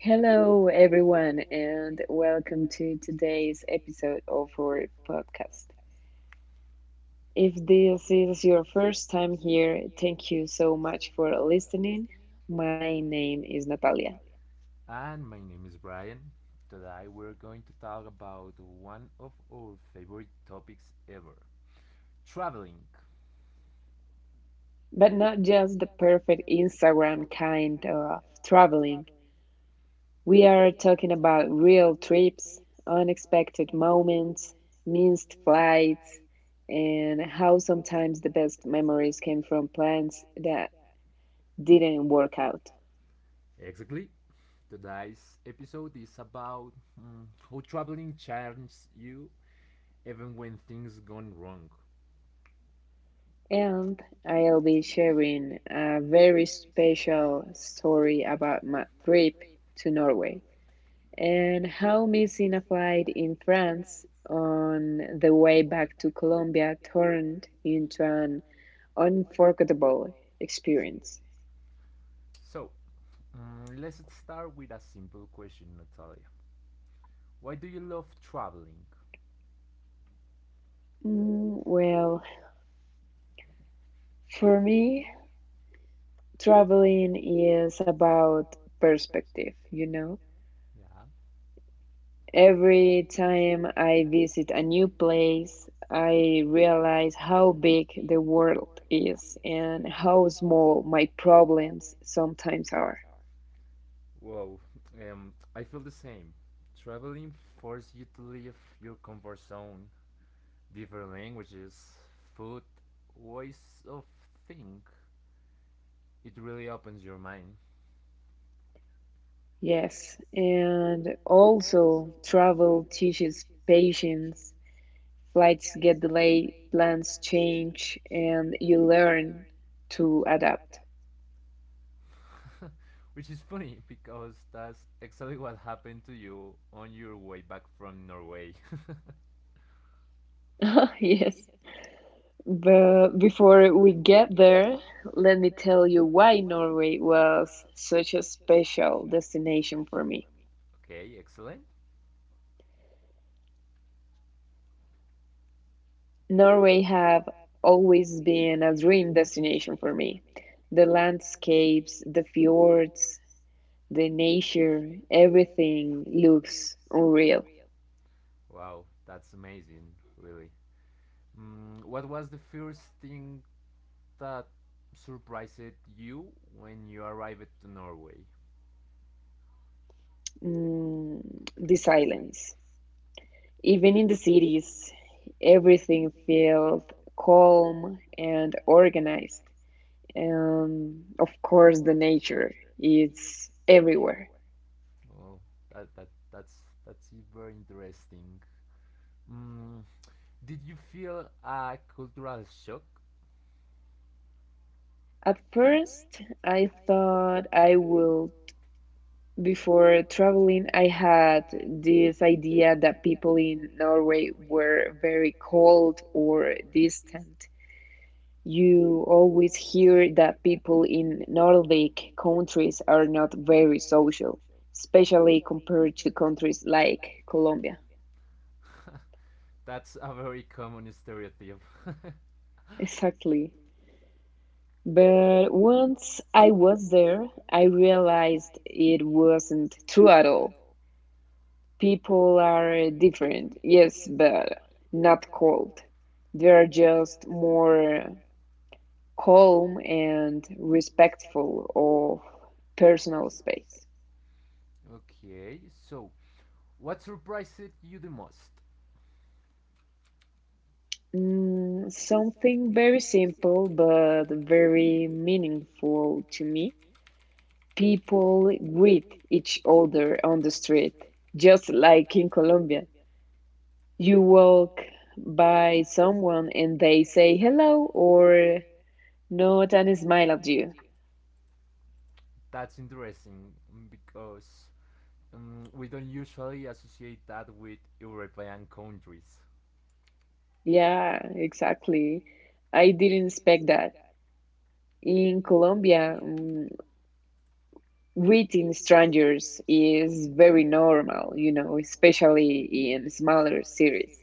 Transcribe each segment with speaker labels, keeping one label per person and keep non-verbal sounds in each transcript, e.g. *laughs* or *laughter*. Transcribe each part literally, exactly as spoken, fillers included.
Speaker 1: Hello, everyone, and welcome to today's episode of our podcast. If this is your first time here, thank you so much for listening. My name is Natalia,
Speaker 2: And my name is Brian. Today we're going to talk about one of our favorite topics ever, traveling.
Speaker 1: but not just the perfect Instagram kind of traveling. We are talking about real trips, unexpected moments, missed flights, and how sometimes the best memories came from plans that didn't work out.
Speaker 2: Exactly. Today's episode is about mm, how traveling changes you even when things gone wrong.
Speaker 1: And I'll be sharing a very special story about my trip to Norway and how missing a flight in France on the way back to Colombia turned into an unforgettable experience.
Speaker 2: So, mm, let's start with a simple question, Natalia. Why do you love traveling?
Speaker 1: Mm, well, for me, traveling is about perspective, you know.
Speaker 2: Yeah.
Speaker 1: Every time I visit a new place, I realize how big the world is and how small my problems sometimes are.
Speaker 2: Wow, um, I feel the same. Traveling forces you to leave your comfort zone, different languages, food, ways of think. It really opens your mind.
Speaker 1: Yes, and also travel teaches patience. Flights get delayed, plans change, and you learn to adapt.
Speaker 2: *laughs* Which is funny because that's exactly what happened to you on your way back from Norway. *laughs*
Speaker 1: *laughs* Yes. But before we get there, let me tell you why Norway was such a special destination for me.
Speaker 2: Okay, excellent.
Speaker 1: Norway have always been a dream destination for me. The landscapes, the fjords, the nature, everything looks unreal.
Speaker 2: Wow, that's amazing, really. Mm, what was the first thing that surprised you when you arrived to Norway?
Speaker 1: Mm, the silence. Even in the cities, everything felt calm and organized. Um, of course, the nature is everywhere.
Speaker 2: Oh, that, that that's that's very interesting. Mm, Did you feel a cultural shock?
Speaker 1: At first, I thought I will. Before traveling, I had this idea that people in Norway were very cold or distant. You always hear that people in Nordic countries are not very social, especially compared to countries like Colombia.
Speaker 2: *laughs* That's a very common stereotype.
Speaker 1: *laughs* Exactly. But once I was there, I realized it wasn't true at all. People are different, yes, but not cold. They're just more calm and respectful of personal space.
Speaker 2: *laughs* Okay, so what surprised you the most?
Speaker 1: Mm, something very simple but very meaningful to me. People greet each other on the street, just like in Colombia. You walk by someone and they say hello or nod and smile at you.
Speaker 2: That's interesting, mm, because um, we don't usually associate that with European countries.
Speaker 1: Yeah, exactly. I didn't expect that. In Colombia, mm, greeting strangers is very normal, you know, especially in smaller cities.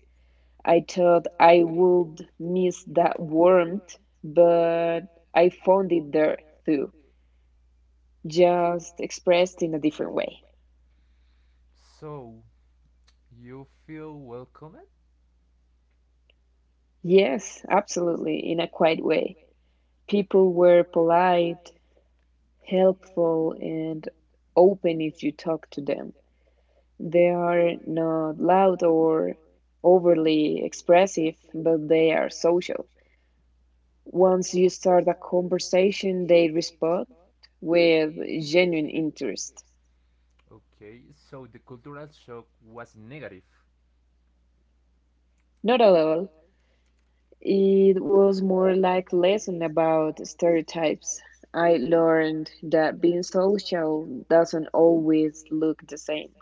Speaker 1: I thought I would miss that warmth, but I found it there too, just expressed in a different way.
Speaker 2: So, you feel welcomed?
Speaker 1: Yes, absolutely, in a quiet way. People were polite, helpful, and open if you talk to them. They are not loud or overly expressive, but they are social. Once you start a conversation, they respond with genuine interest.
Speaker 2: Okay, so the cultural shock was negative.
Speaker 1: Not at all. It was more like a lesson about stereotypes. I learned that being social doesn't always look the same.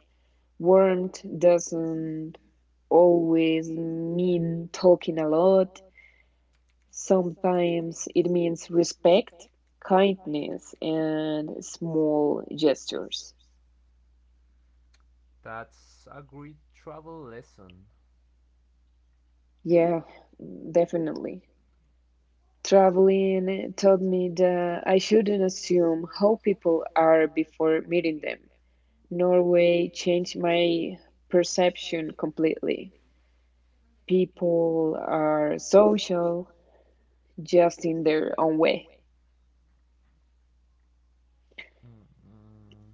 Speaker 1: Warmth doesn't always mean talking a lot. Sometimes it means respect, kindness, and small gestures.
Speaker 2: That's a great travel lesson.
Speaker 1: Yeah, definitely. Traveling taught me that I shouldn't assume how people are before meeting them. Norway changed my perception completely. People are social just in their own way.
Speaker 2: Mm, mm.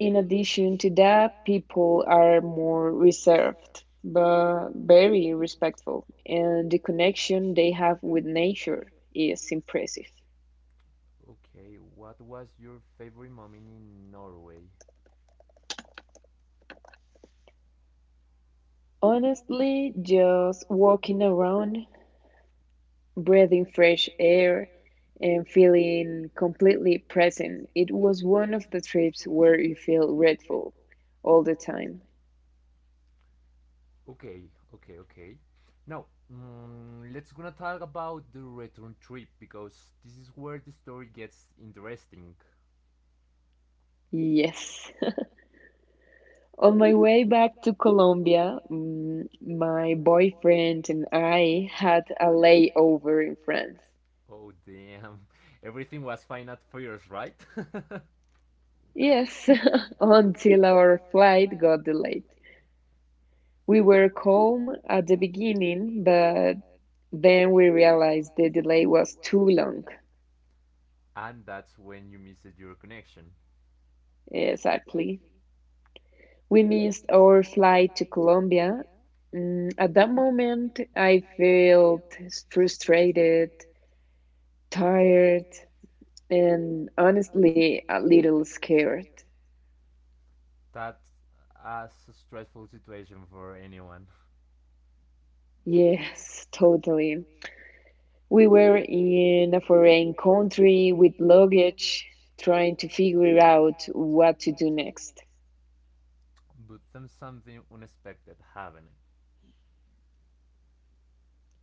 Speaker 1: In addition to that, people are more reserved, but very respectful, and the connection they have with nature is impressive.
Speaker 2: Okay, what was your favorite moment in Norway?
Speaker 1: Honestly, just walking around, breathing fresh air, and feeling completely present, it was one of the trips where you feel grateful all the time.
Speaker 2: Okay, okay, okay. Now, mm, let's gonna talk about the return trip because this is where the story gets interesting.
Speaker 1: Yes. On my way back to Colombia, mm, my boyfriend and I had a layover in France.
Speaker 2: Oh damn, *laughs* everything was fine at first, right? *laughs*
Speaker 1: Yes, *laughs* until our flight got delayed. We were calm at the beginning, but then we realized the delay was too long.
Speaker 2: And that's when you missed your connection.
Speaker 1: Exactly. We missed our flight to Colombia. Mm, at that moment, I felt frustrated, tired, and honestly a little scared.
Speaker 2: That's a stressful situation for anyone. *laughs*
Speaker 1: Yes, totally. We were in a foreign country with luggage, trying to figure out what to do next.
Speaker 2: But then something unexpected happened.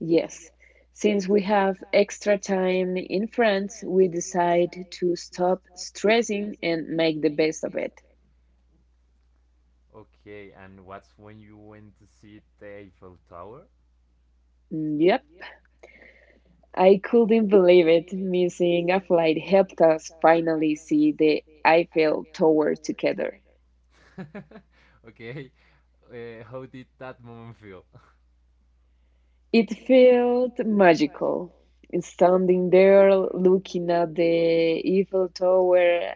Speaker 1: Yes, since we have extra time in France, we decide to stop stressing and make the best of it.
Speaker 2: Okay, and what's when you went to see the Eiffel Tower?
Speaker 1: Yep, I couldn't believe it. Missing a flight helped us finally see the Eiffel Tower together.
Speaker 2: *laughs* Okay. Uh, how did that moment feel? *laughs*
Speaker 1: It felt magical. Standing there looking at the Eiffel Tower,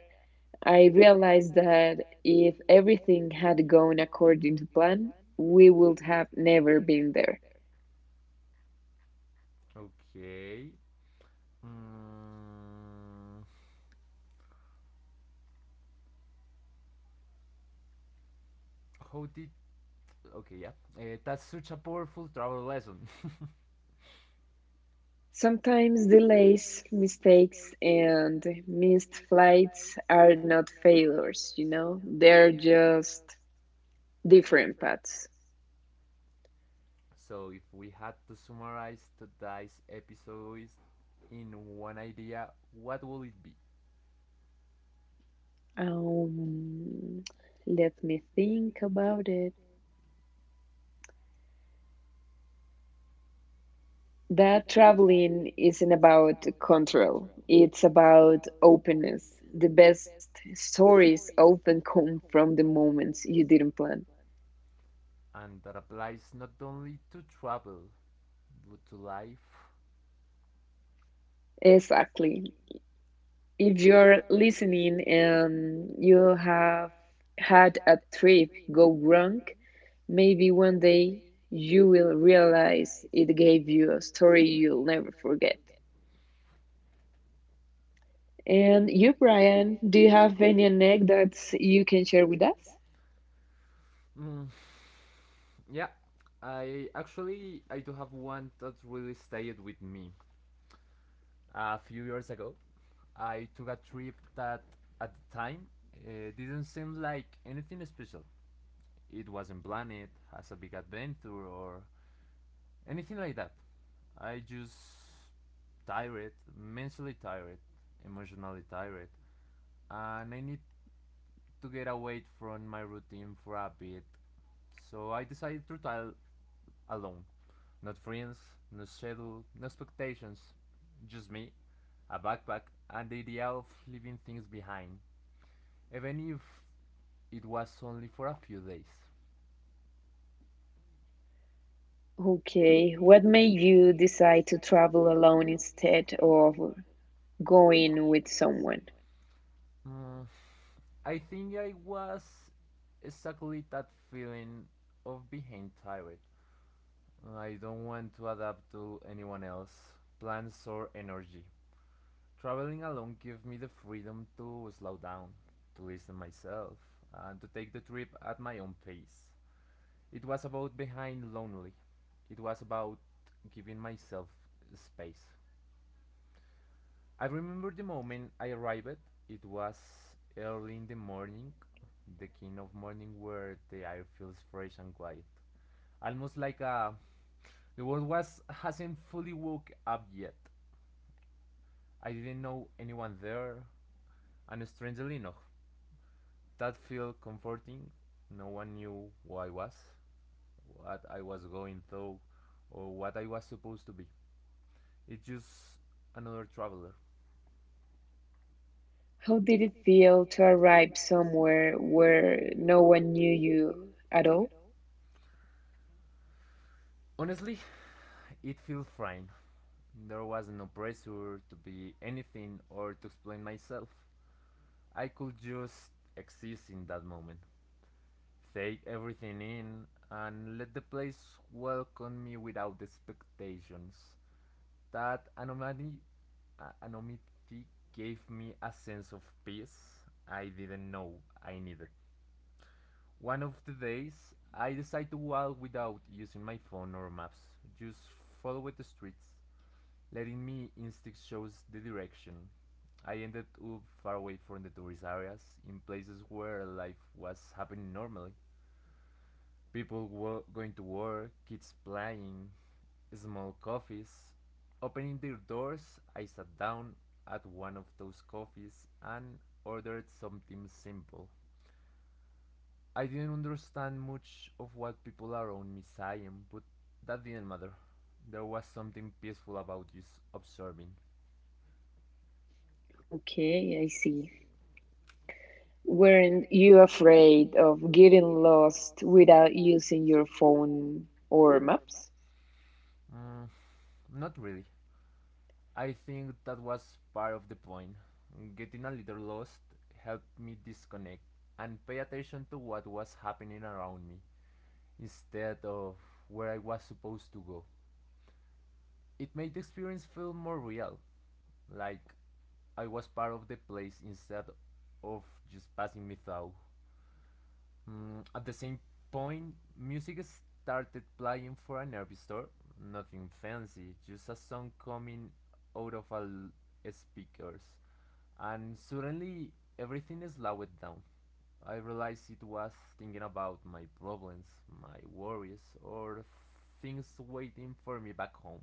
Speaker 1: I realized that if everything had gone according to plan, we would have never been there.
Speaker 2: Okay. Mm, how did. Okay, yeah. Uh, that's such a powerful travel lesson.
Speaker 1: Sometimes delays, mistakes, and missed flights are not failures, you know? They're just different paths.
Speaker 2: *laughs* So, if we had to summarize today's episode in one idea, what will it be?
Speaker 1: Um, Let me think about it. That traveling isn't about control, it's about openness. The best stories often come from the moments you didn't plan.
Speaker 2: And that applies not only to travel, but to life.
Speaker 1: Exactly. If you're listening and you have had a trip go wrong, maybe one day you will realize it gave you a story you'll never forget. And you, Brian, do you have any anecdotes you can share with us?
Speaker 2: Mm, yeah, I actually I do have one that really stayed with me. A few years ago, I took a trip that at the time uh, didn't seem like anything special. It wasn't planned as a big adventure or anything like that. I just tired, mentally tired, emotionally tired, and I need to get away from my routine for a bit. So I decided to try alone. Not friends, no schedule, no expectations. Just me, a backpack, and the idea of leaving things behind, even if it was only for a few days.
Speaker 1: Okay, what made you decide to travel alone instead of going with someone?
Speaker 2: Mm, I think I was exactly that feeling of being tired. I don't want to adapt to anyone else, plans or energy. Traveling alone gives me the freedom to slow down, to listen myself, and to take the trip at my own pace. It was about being lonely. It was about giving myself space. I remember the moment I arrived. It was early in the morning, the kind of morning where the air feels fresh and quiet. Almost like uh, the world was hasn't fully woke up yet. I didn't know anyone there, and strangely enough, that felt comforting. No one knew who I was, what I was going through, or what I was supposed to be. It's just another traveler.
Speaker 1: How did it feel to arrive somewhere where no one knew you at all?
Speaker 2: Honestly, it feels fine. There was no pressure to be anything or to explain myself. I could just exist in that moment, take everything in, and let the place welcome me without expectations. That anonymity, uh, anonymity gave me a sense of peace I didn't know I needed. One of the days, I decide to walk without using my phone or maps, just follow the streets, letting me instinct shows the direction. I ended up far away from the tourist areas, in places where life was happening normally. People were going to work, kids playing, small coffees. Opening their doors, I sat down at one of those coffees and ordered something simple. I didn't understand much of what people around me saying, but that didn't matter. There was something peaceful about just observing.
Speaker 1: Okay, I see. Weren't you afraid of getting lost without using your phone or maps?
Speaker 2: Mm, Not really. I think that was part of the point. Getting a little lost helped me disconnect and pay attention to what was happening around me instead of where I was supposed to go. It made the experience feel more real, like I was part of the place instead of just passing me through. Mm, at the same point, music started playing for a nervy store. Nothing fancy, just a song coming out of a l- speakers. And suddenly, everything slowed down. I realized it was thinking about my problems, my worries, or things waiting for me back home.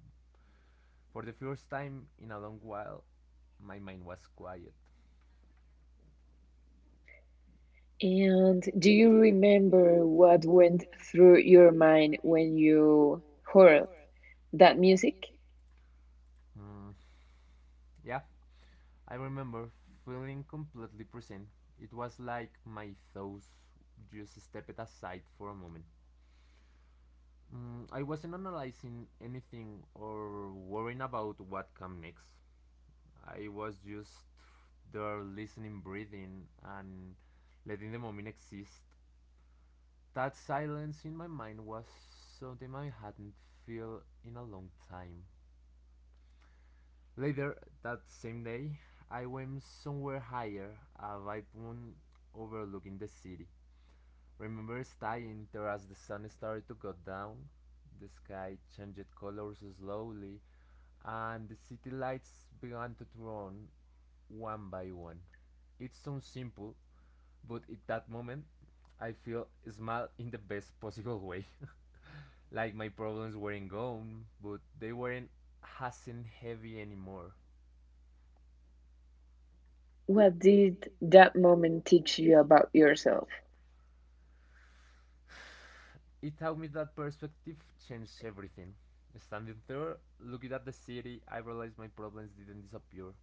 Speaker 2: For the first time in a long while, my mind was quiet.
Speaker 1: And do you remember what went through your mind when you heard that music?
Speaker 2: Mm, yeah, I remember feeling completely present. It was like my thoughts just stepped aside for a moment. Mm, I wasn't analyzing anything or worrying about what came next. I was just there listening, breathing, and letting the moment exist. That silence in my mind was something I hadn't felt in a long time. Later that same day, I went somewhere higher, a viewpoint overlooking the city. Remember staying there as the sun started to go down? The sky changed colors slowly, and the city lights began to turn on one by one. It sounds simple, but at that moment, I feel small in the best possible way. *laughs* Like my problems weren't gone, but they weren't has heavy anymore.
Speaker 1: What did that moment teach you about yourself?
Speaker 2: It taught me that perspective changed everything. Standing there, looking at the city, I realized my problems didn't disappear,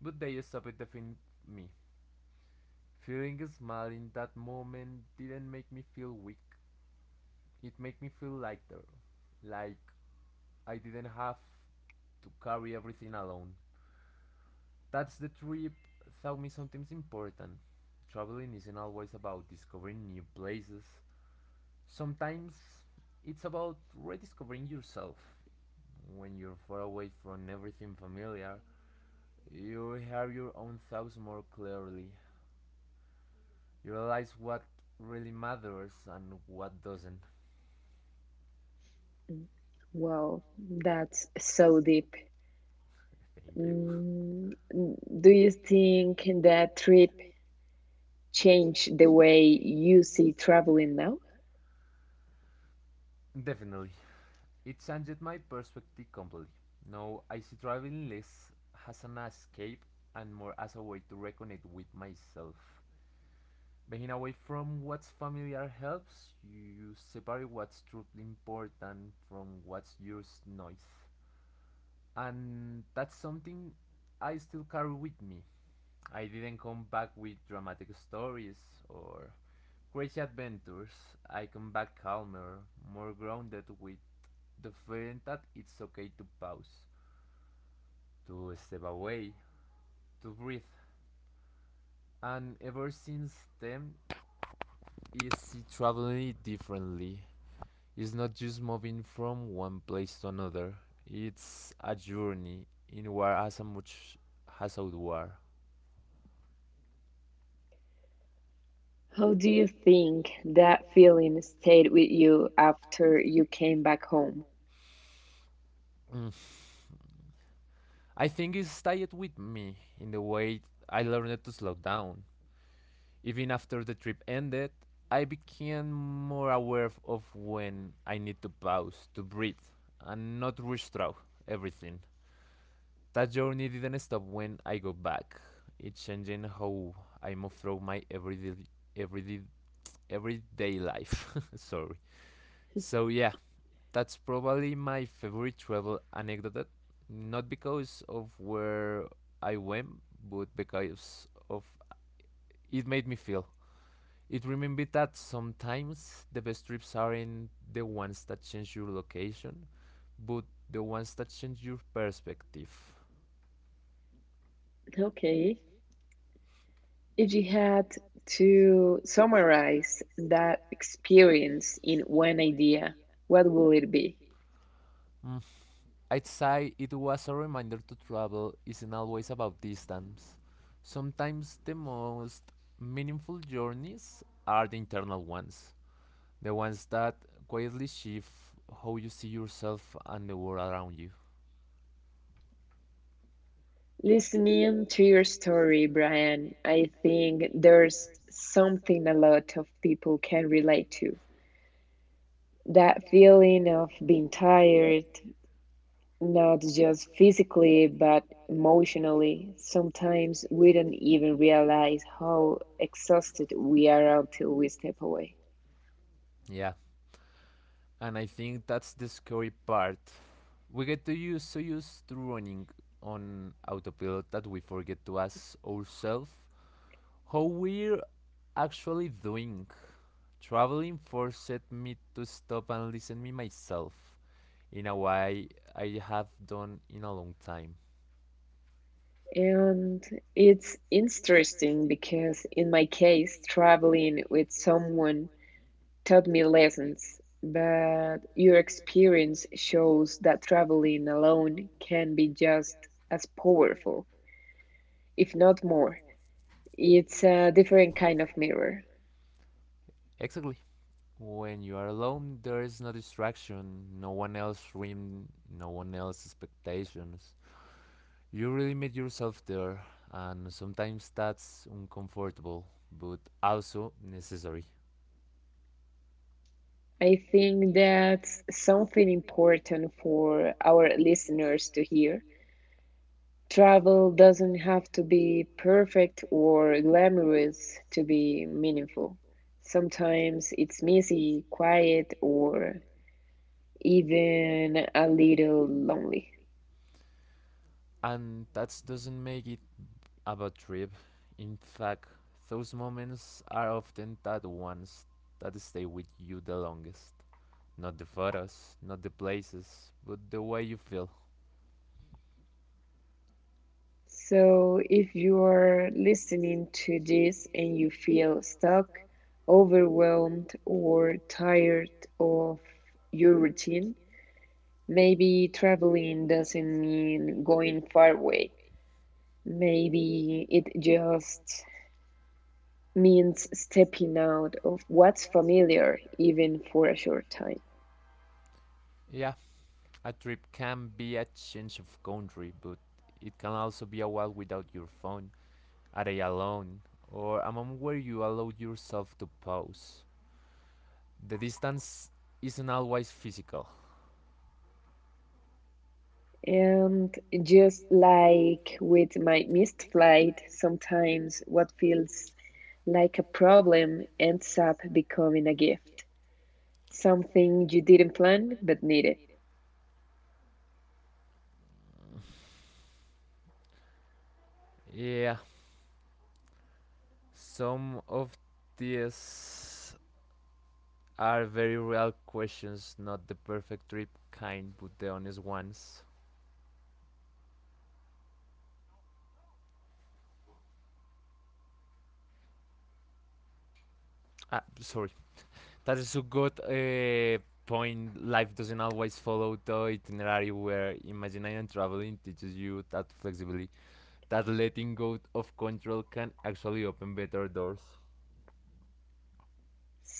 Speaker 2: but they stopped defeating me. Feeling small in that moment didn't make me feel weak. It made me feel lighter, like I didn't have to carry everything alone. That's the trip taught me something important. Traveling isn't always about discovering new places. Sometimes it's about rediscovering yourself. When you're far away from everything familiar, you hear your own thoughts more clearly. You realize what really matters and what doesn't.
Speaker 1: Mm. Wow, that's so deep.
Speaker 2: *laughs* Thank you.
Speaker 1: Mm, do you think that trip changed the way you see traveling now?
Speaker 2: *laughs* Definitely. It changed my perspective completely. Now I see traveling less as an escape and more as a way to reconnect with myself. Being away from what's familiar helps you separate what's truly important from what's just noise. And that's something I still carry with me. I didn't come back with dramatic stories or crazy adventures. I come back calmer, more grounded, with the feeling that it's okay to pause, to step away, to breathe. And ever since then, I see traveling differently. It's not just moving from one place to another, it's a journey inward as much as outward.
Speaker 1: How do you think that feeling stayed with you after you came back home?
Speaker 2: Mm. I think it stayed with me in the way I learned to slow down. Even after the trip ended, I became more aware of when I need to pause, to breathe, and not rush through everything. That journey didn't stop when I go back. It's changing how I move through my everyday everyday everyday life. *laughs* Sorry. So yeah, that's probably my favorite travel anecdote. Not because of where I went, but because of it made me feel. It reminded that sometimes the best trips aren't the ones that change your location, but the ones that change your perspective.
Speaker 1: Okay, if you had to summarize that experience in one idea, what will it be?
Speaker 2: Mm. I'd say it was a reminder to travel isn't always about distance. Sometimes the most meaningful journeys are the internal ones. The ones that quietly shift how you see yourself and the world around you.
Speaker 1: Listening to your story, Brian, I think there's something a lot of people can relate to. That feeling of being tired, not just physically, but emotionally. Sometimes we don't even realize how exhausted we are until we step away.
Speaker 2: Yeah. And I think that's the scary part. We get to use so used to running on autopilot that we forget to ask ourselves how we're actually doing. Traveling forced me to stop and listen to myself in a way I have done in a long time.
Speaker 1: And it's interesting because, in my case, traveling with someone taught me lessons, but your experience shows that traveling alone can be just as powerful, if not more. It's a different kind of mirror.
Speaker 2: Exactly. When you are alone, there is no distraction, no one else scream, no one else expectations. You really meet yourself there, and sometimes that's uncomfortable, but also necessary.
Speaker 1: I think that's something important for our listeners to hear. Travel doesn't have to be perfect or glamorous to be meaningful. Sometimes it's messy, quiet, or even a little lonely.
Speaker 2: And that doesn't make it a bad trip. In fact, those moments are often the ones that stay with you the longest. Not the photos, not the places, but the way you feel.
Speaker 1: So, if you're listening to this and you feel stuck, overwhelmed, or tired of your routine, maybe traveling doesn't mean going far away. Maybe it just means stepping out of what's familiar, even for a short time.
Speaker 2: Yeah, a trip can be a change of country, but it can also be a while without your phone, a day alone, or a moment where you allow yourself to pause. The distance isn't always physical.
Speaker 1: And just like with my missed flight, sometimes what feels like a problem ends up becoming a gift, something you didn't plan but needed.
Speaker 2: Yeah, some of these are very real questions, not the perfect trip kind, but the honest ones. Ah, sorry. That is a good uh, point. Life doesn't always follow the itinerary where imagination traveling teaches you that flexibility, that letting go of control can actually open better doors.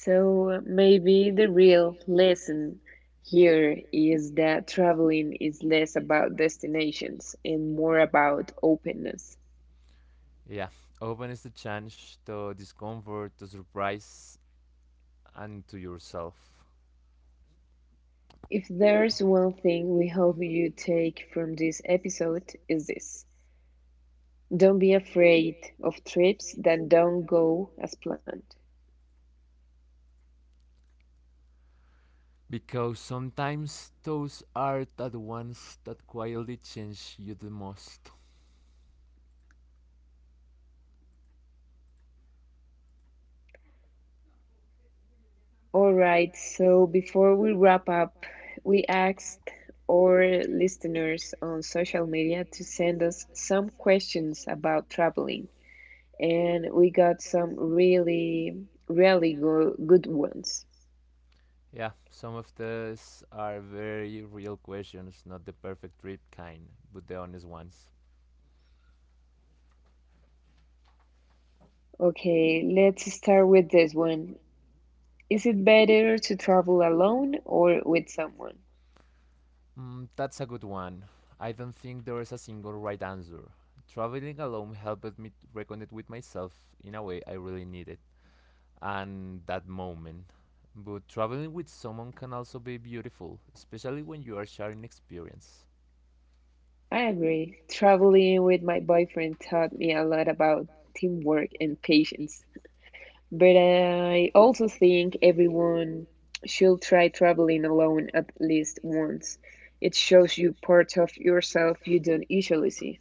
Speaker 1: So maybe the real lesson here is that traveling is less about destinations and more about openness.
Speaker 2: Yeah, open is the chance to discomfort, to surprise, and to yourself.
Speaker 1: If there's one thing we hope you take from this episode is this. Don't be afraid of trips that don't go as planned.
Speaker 2: Because sometimes those are the ones that quietly change you the most.
Speaker 1: All right, so before we wrap up, we asked our listeners on social media to send us some questions about traveling, and we got some really, really go- good ones.
Speaker 2: Yeah, some of these are very real questions, not the perfect trip kind, but the honest ones.
Speaker 1: Okay, let's start with this one. Is it better to travel alone or with someone?
Speaker 2: Mm, that's a good one. I don't think there is a single right answer. Traveling alone helped me to reconnect with myself in a way I really needed, and that moment. But traveling with someone can also be beautiful, especially when you are sharing experience.
Speaker 1: I agree. Traveling with my boyfriend taught me a lot about teamwork and patience. But I also think everyone should try traveling alone at least once. It shows you parts of yourself you don't usually see.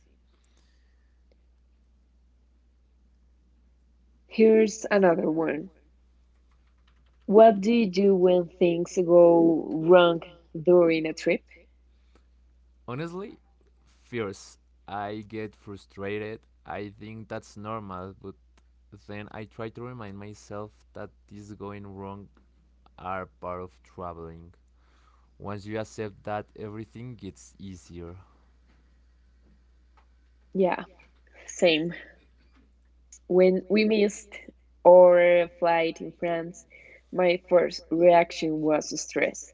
Speaker 1: Here's another one. What do you do when things go wrong during a trip?
Speaker 2: Honestly, fierce. I get frustrated. I think that's normal, but then I try to remind myself that these going wrong are part of traveling. Once you accept that, everything gets easier.
Speaker 1: Yeah, same. When we missed our flight in France, my first reaction was stress.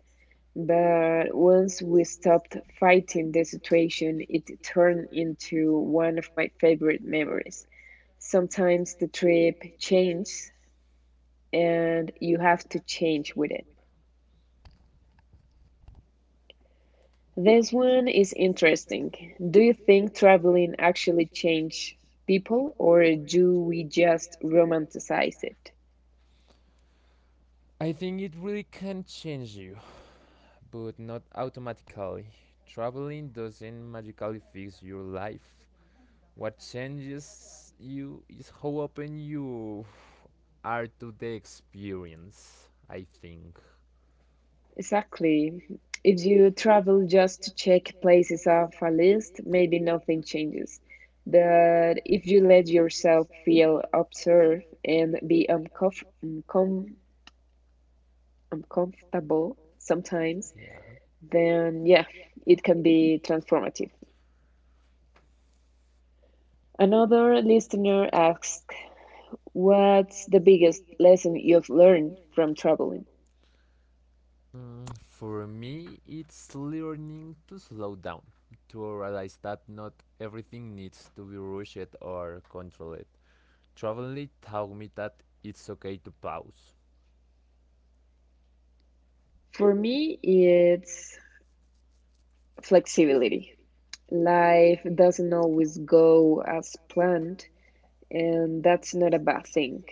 Speaker 1: But once we stopped fighting the situation, it turned into one of my favorite memories. Sometimes the trip changes and you have to change with it. This one is interesting. Do you think traveling actually changes people or do we just romanticize it?
Speaker 2: I think it really can change you, but not automatically. Traveling doesn't magically fix your life. What changes you is how open you are to the experience, I think.
Speaker 1: Exactly. If you travel just to check places off a list, maybe nothing changes. But if you let yourself feel observed and be uncomf- uncom- uncomfortable sometimes,
Speaker 2: Yeah.
Speaker 1: then yeah, it can be transformative. Another listener asks, what's the biggest lesson you've learned from traveling?
Speaker 2: Mm, for me, it's learning to slow down, to realize that not everything needs to be rushed or controlled. Traveling taught me that it's okay to pause.
Speaker 1: For me, it's flexibility. Life doesn't always go as planned, and that's not a bad thing.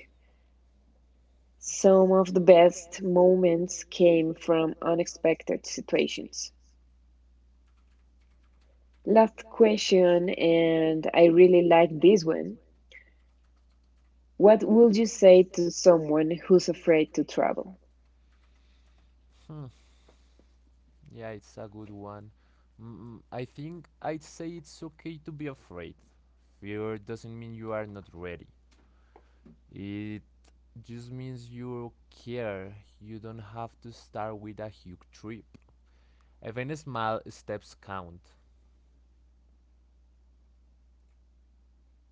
Speaker 1: Some of the best moments came from unexpected situations. Last question, and I really like this one. What would you say to someone who's afraid to travel?
Speaker 2: Hmm. Yeah, it's a good one. Mm, mm, I think I'd say it's okay to be afraid. Fear doesn't mean you are not ready. It just means you care. You don't have to start with a huge trip. Even small steps count.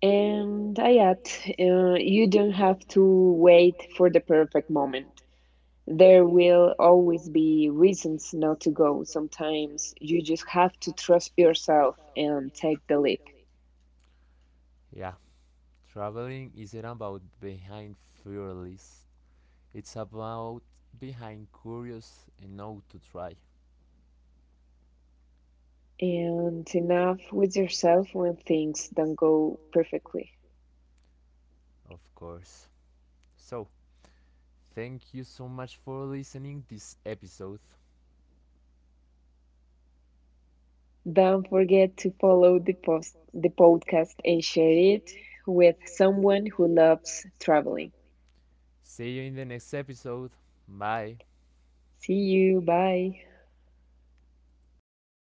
Speaker 1: And I add, uh, you don't have to wait for the perfect moment. There will always be reasons not to go. Sometimes you just have to trust yourself and take the leap.
Speaker 2: Yeah, traveling isn't about behind fearless. It's about behind curious and how to try,
Speaker 1: And enough with yourself when things don't go perfectly.
Speaker 2: of course. So, thank you so much for listening this episode.
Speaker 1: Don't forget to follow the post the podcast and share it with someone who loves traveling.
Speaker 2: See you in the next episode. Bye.
Speaker 1: See you. Bye.